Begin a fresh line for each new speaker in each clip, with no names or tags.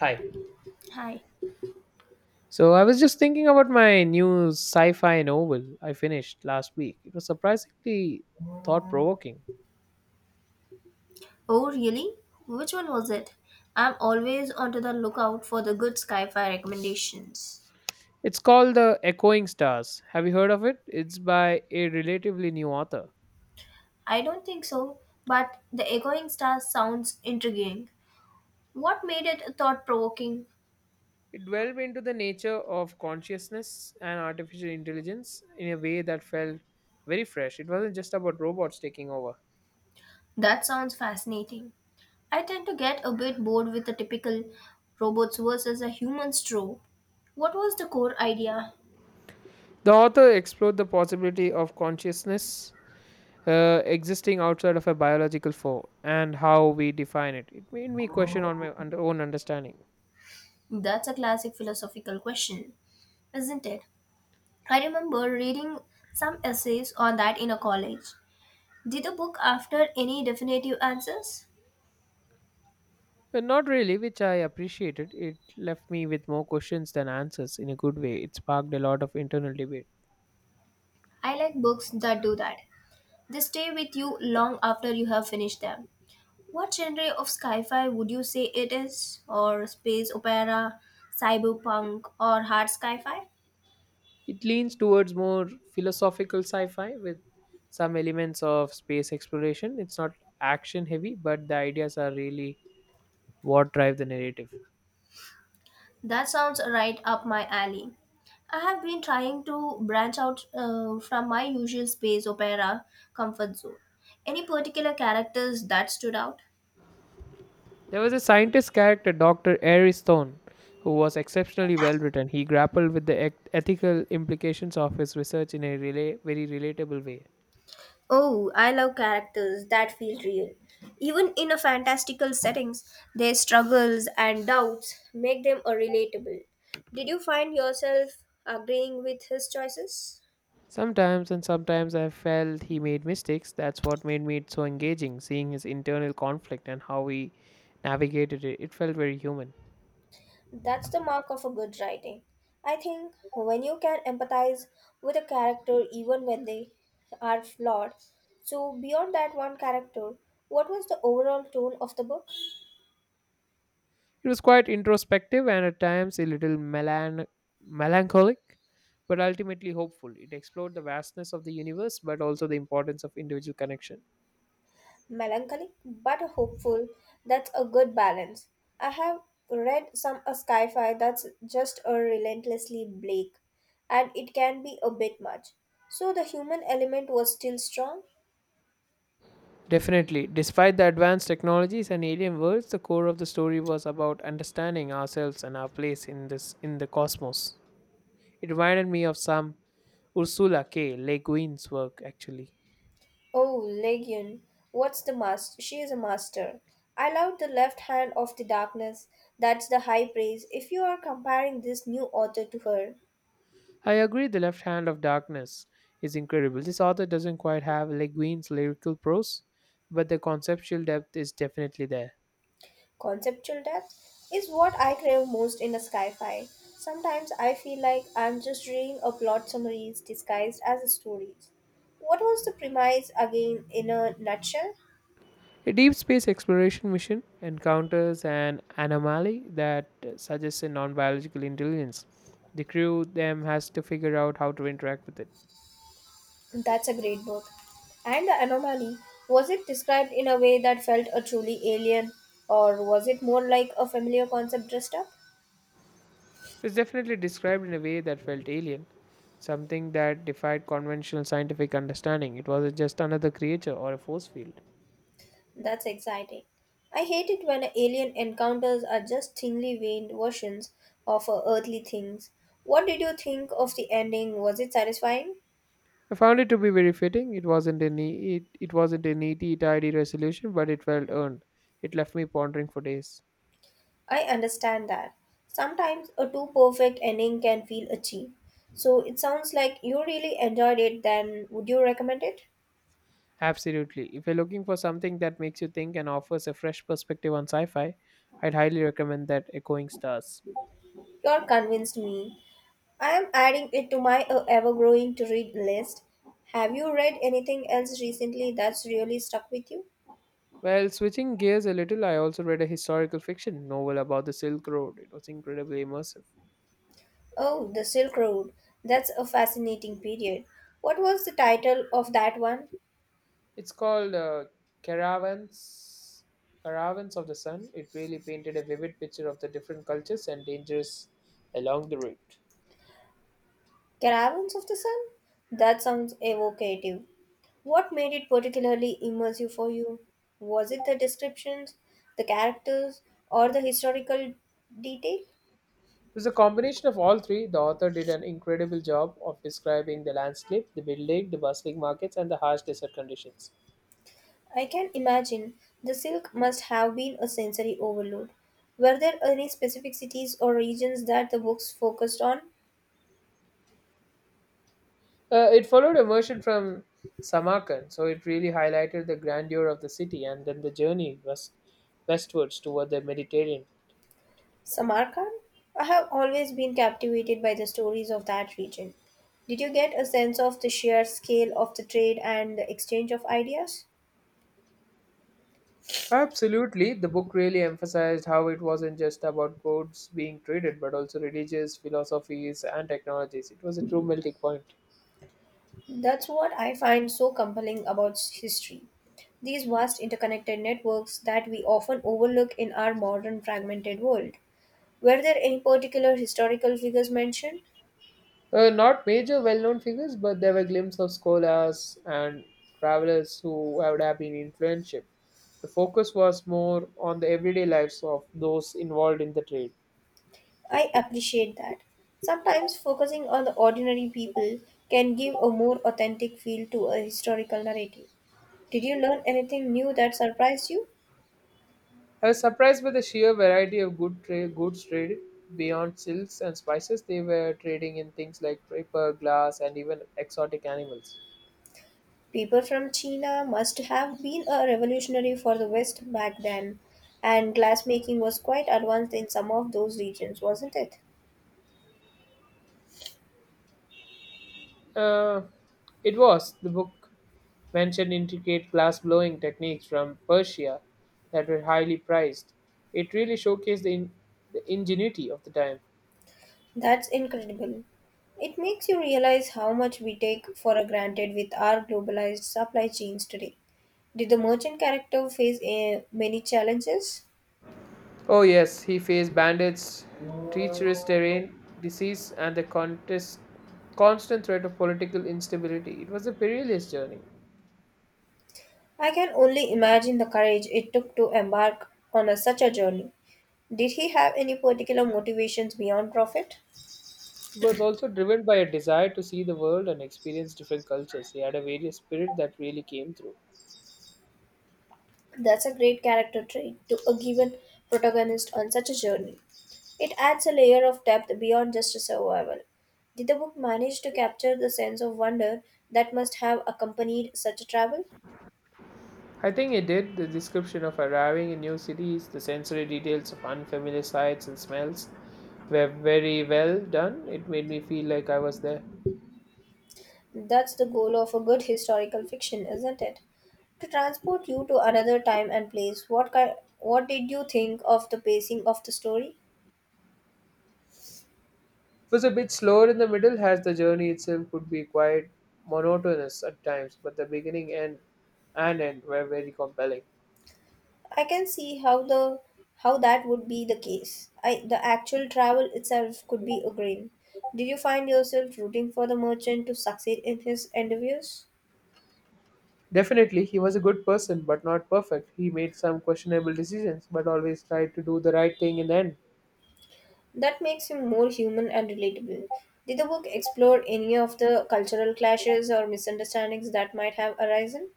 Hi.
Hi.
So I was just thinking about my new sci-fi novel I finished last week. It was surprisingly thought-provoking.
Oh, really? Which one was it? I'm always onto the lookout for the good sci-fi recommendations.
It's called The Echoing Stars. Have you heard of it? It's by a relatively new author.
I don't think so, but The Echoing Star sounds intriguing. What made it thought-provoking?
It delved into the nature of consciousness and artificial intelligence in a way that felt very fresh. It wasn't just about robots taking over.
That sounds fascinating. I tend to get a bit bored with the typical robots versus a human trope. What was the core idea?
The author explored the possibility of consciousness existing outside of a biological form and how we define it. It made me question on my own understanding.
That's a classic philosophical question, isn't it? I remember reading some essays on that in a college. Did the book after any definitive answers?
Not really, which I appreciated. It left me with more questions than answers in a good way. It sparked a lot of internal debate.
I like books that do that. They stay with you long after you have finished them. What genre of sci-fi would you say it is? Or space opera, cyberpunk, or hard sci-fi?
It leans towards more philosophical sci fi with some elements of space exploration. It's not action heavy, but the ideas are really what drive the narrative.
That sounds right up my alley. I have been trying to branch out from my usual space opera comfort zone. Any particular characters that stood out?
There was a scientist character, Dr. Airy Stone, who was exceptionally well written. He grappled with the ethical implications of his research in a very relatable way.
Oh, I love characters that feel real. Even in a fantastical settings, their struggles and doubts make them a relatable. Did you find yourself agreeing with his choices?
Sometimes, and sometimes I felt he made mistakes. That's what made me so engaging, seeing his internal conflict and how he navigated it. It felt very human.
That's the mark of a good writing. I think when you can empathize with a character even when they are flawed. So beyond that one character, what was the overall tone of the book?
It was quite introspective and at times a little melancholic, but ultimately hopeful. It explored the vastness of the universe, but also the importance of individual connection.
Melancholic but hopeful, that's a good balance. I have read some a sci-fi that's just a relentlessly bleak, and it can be a bit much. So the human element was still strong.
Definitely. Despite the advanced technologies and alien worlds, the core of the story was about understanding ourselves and our place in this in the cosmos. It reminded me of some Ursula K. Le Guin's work actually.
Oh, Legion, what's the master? She is a master. I love the left hand of the darkness. That's the high praise if you are comparing this new author to her.
I agree The Left Hand of Darkness is incredible. This author doesn't quite have Le Guin's lyrical prose, but the conceptual depth is definitely there.
Conceptual depth is what I crave most in a sci fi. Sometimes I feel like I'm just reading a plot summaries disguised as stories. What was the premise again in a nutshell?
A deep space exploration mission encounters an anomaly that suggests a non biological intelligence. The crew then has to figure out how to interact with it.
That's a great book. And the anomaly was it described in a way that felt a truly alien, or was it more like a familiar concept dressed up?
It's definitely described in a way that felt alien, something that defied conventional scientific understanding. It wasn't just another creature or a force field.
That's exciting. I hate it when alien encounters are just thinly veined versions of earthly things. What did you think of the ending? Was it satisfying?
I found it to be very fitting. It wasn't a neat, tidy resolution, but it felt earned. It left me pondering for days.
I understand that. Sometimes a too perfect ending can feel a achieved. So it sounds like you really enjoyed it, then would you recommend it?
Absolutely. If you're looking for something that makes you think and offers a fresh perspective on sci fi, I'd highly recommend that Echoing Stars.
You're convinced me. I am adding it to my ever growing to read list. Have you read anything else recently that's really stuck with you?
Well, switching gears a little, I also read a historical fiction novel about the Silk Road. It was incredibly immersive.
Oh, the Silk Road. That's a fascinating period. What was the title of that one?
It's called Caravans, Caravans of the Sun. It really painted a vivid picture of the different cultures and dangers along the route.
Caravans of the Sun? That sounds evocative. What made it particularly immersive for you? Was it the descriptions, the characters, or the historical detail?
It was a combination of all three. The author did an incredible job of describing the landscape, the building, the bustling markets, and the harsh desert conditions.
I can imagine the silk must have been a sensory overload. Were there any specific cities or regions that the books focused on?
It followed a version from Samarkand, so it really highlighted the grandeur of the city and then the journey westwards toward the Mediterranean.
Samarkand? I have always been captivated by the stories of that region. Did you get a sense of the sheer scale of the trade and the exchange of ideas?
Absolutely, the book really emphasized how it wasn't just about goods being traded, but also religious philosophies and technologies. It was a true melting point.
That's what I find so compelling about history. These vast interconnected networks that we often overlook in our modern fragmented world. Were there any particular historical figures mentioned?
Not major well-known figures, but there were glimpses of scholars and travelers who would have been influential. The focus was more on the everyday lives of those involved in the trade.
I appreciate that. Sometimes focusing on the ordinary people can give a more authentic feel to a historical narrative. Did you learn anything new that surprised you?
I was surprised by the sheer variety of goods traded beyond silks and spices. They were trading in things like paper, glass, and even exotic animals.
People from China must have been a revolutionary for the West back then, and glassmaking was quite advanced in some of those regions, wasn't it?
Uh, it was The book mentioned intricate glass blowing techniques from Persia that were highly priced. It really showcased the ingenuity of the time.
That's incredible. It makes you realize how much we take for granted with our globalized supply chains today. Did the merchant character face many challenges?
Oh, yes, he faced bandits, treacherous terrain, disease, and the constant threat of political instability. It was a perilous journey.
I can only imagine the courage it took to embark on a, such a journey. Did he have any particular motivations beyond profit?
He was also driven by a desire to see the world and experience different cultures. He had a various spirit that really came through.
That's a great character trait to a given protagonist on such a journey. It adds a layer of depth beyond just survival. Did the book manage to capture the sense of wonder that must have accompanied such a travel?
I think it did. The description of arriving in new cities, the sensory details of unfamiliar sights and smells were very well done. It made me feel like I was there.
That's the goal of a good historical fiction, isn't it? To transport you to another time and place. What did you think of the pacing of the story?
It was a bit slower in the middle, as the journey itself could be quite monotonous at times, but the beginning and end were very compelling.
I can see how the how that would be the case. I the actual travel itself could be a grin. Did you find yourself rooting for the merchant to succeed in his endeavors?
Definitely, he was a good person, but not perfect. He made some questionable decisions, but always tried to do the right thing in the end.
That makes him more human and relatable. Did the book explore any of the cultural clashes or misunderstandings that might have arisen?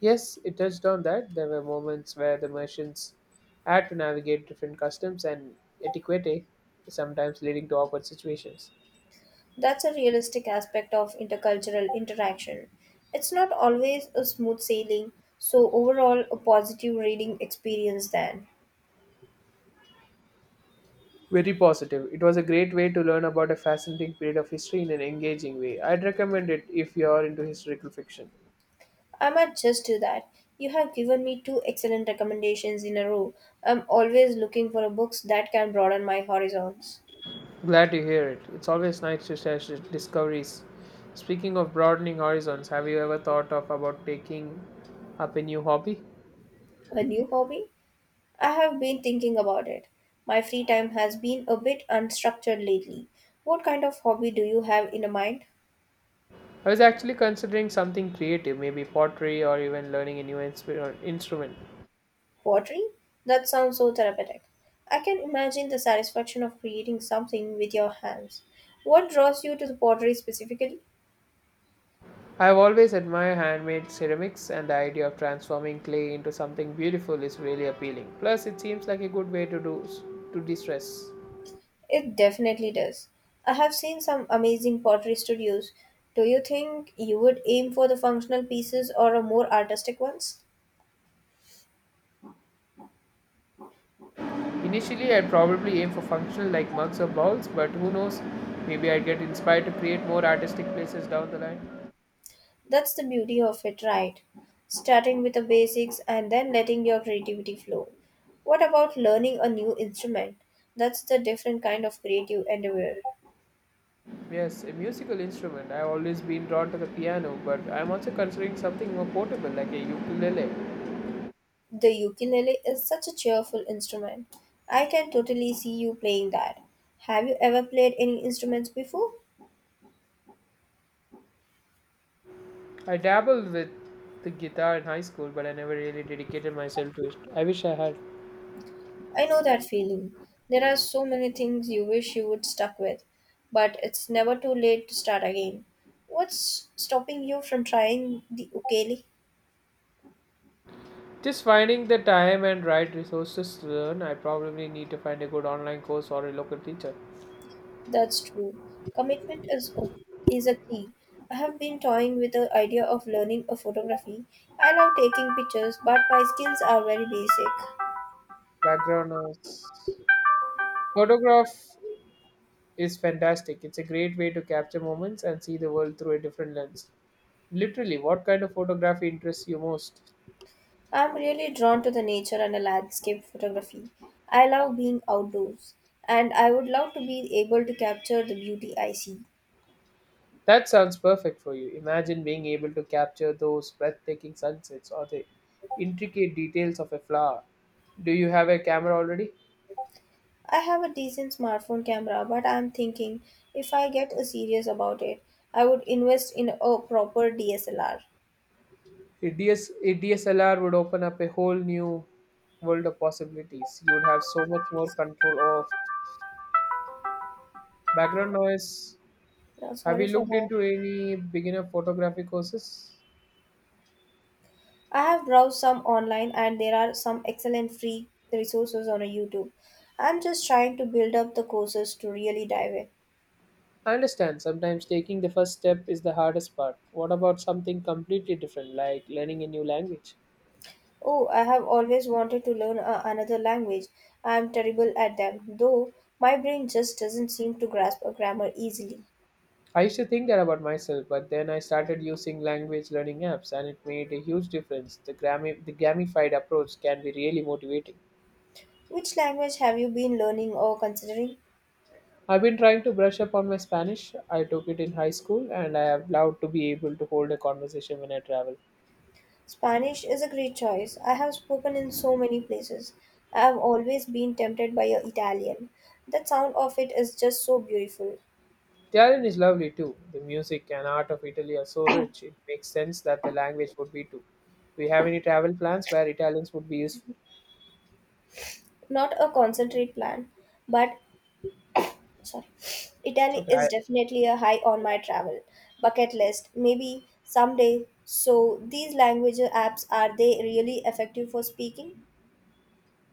Yes, it touched on that. There were moments where the merchants had to navigate different customs and etiquette, sometimes leading to awkward situations.
That's a realistic aspect of intercultural interaction. It's not always a smooth sailing, so overall, a positive reading experience then.
Very positive. It was a great way to learn about a fascinating period of history in an engaging way. I'd recommend it if you're into historical fiction.
I might just do that. You have given me two excellent recommendations in a row. I'm always looking for books that can broaden my horizons.
Glad to hear it. It's always nice to share discoveries. Speaking of broadening horizons, have you ever thought of about taking up a new hobby?
A new hobby? I have been thinking about it. My free time has been a bit unstructured lately. What kind of hobby do you have in mind?
I was actually considering something creative, maybe pottery or even learning a new instrument.
Pottery? That sounds so therapeutic. I can imagine the satisfaction of creating something with your hands. What draws you to the pottery specifically?
I have always admired handmade ceramics, and the idea of transforming clay into something beautiful is really appealing. Plus, it seems like a good way to de-stress.
It definitely does. I have seen some amazing pottery studios. Do you think you would aim for the functional pieces or a more artistic ones?
Initially, I'd probably aim for functional like mugs or bowls, but who knows? Maybe I'd get inspired to create more artistic places down the line.
That's the beauty of it, right? Starting with the basics and then letting your creativity flow. What about learning a new instrument? That's the different kind of creative endeavor.
Yes, a musical instrument. I've always been drawn to the piano, but I'm also considering something more portable like a ukulele.
The ukulele is such a cheerful instrument. I can totally see you playing that. Have you ever played any instruments before?
I dabbled with the guitar in high school, but I never really dedicated myself to it. I wish I had.
I know that feeling. There are so many things you wish you would stuck with, but it's never too late to start again. What's stopping you from trying the ukulele?
Just finding the time and right resources to learn, I probably need to find a good online course or a local teacher.
That's true. Commitment is a key. I have been toying with the idea of learning a photography. I love taking pictures, but my skills are very basic.
Background noise. Photograph is fantastic. It's a great way to capture moments and see the world through a different lens. Literally, what kind of photography interests you most?
I'm really drawn to the nature and the landscape photography. I love being outdoors and I would love to be able to capture the beauty I see.
That sounds perfect for you. Imagine being able to capture those breathtaking sunsets or the intricate details of a flower. Do you have a camera already?
I have a decent smartphone camera, but I'm thinking if I get serious about it, I would invest in a proper DSLR.
A DSLR would open up a whole new world of possibilities. You would have so much more control of background noise.
Now,
Have
sorry
you
for
looked
that.
into any beginner photography courses?
I have browsed some online and there are some excellent free resources on YouTube. I'm just trying to build up the courses to really dive in.
I understand sometimes taking the first step is the hardest part. What about something completely different, like learning a new language?
Oh, I have always wanted to another language. I am terrible at them, though my brain just doesn't seem to grasp a grammar easily.
I used to think that about myself, but then I started using language learning apps and it made a huge difference. The gamified approach can be really motivating.
Which language have you been learning or considering?
I've been trying to brush up on my Spanish. I took it in high school and I have loved to be able to hold a conversation when I travel.
Spanish is a great choice. I have spoken in so many places. I have always been tempted by your Italian. The sound of it is just so beautiful.
The island is lovely too. The music and art of Italy are so rich, it makes sense that the language would be too. Do you have any travel plans where Italians would be useful?
Not a concentrate plan, but sorry. Italy
So I,
is definitely a high on my travel bucket list. Maybe someday. So these language apps are they really effective for speaking?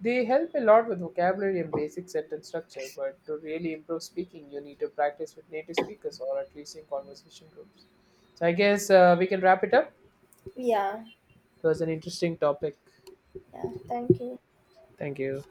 they help a lot with vocabulary and basic sentence structure, but to really improve speaking, you need to practice with native speakers or at least in conversation groups. So I guess we can wrap it up.
Yeah.
It was an interesting topic.
Yeah. Thank you.
Thank you.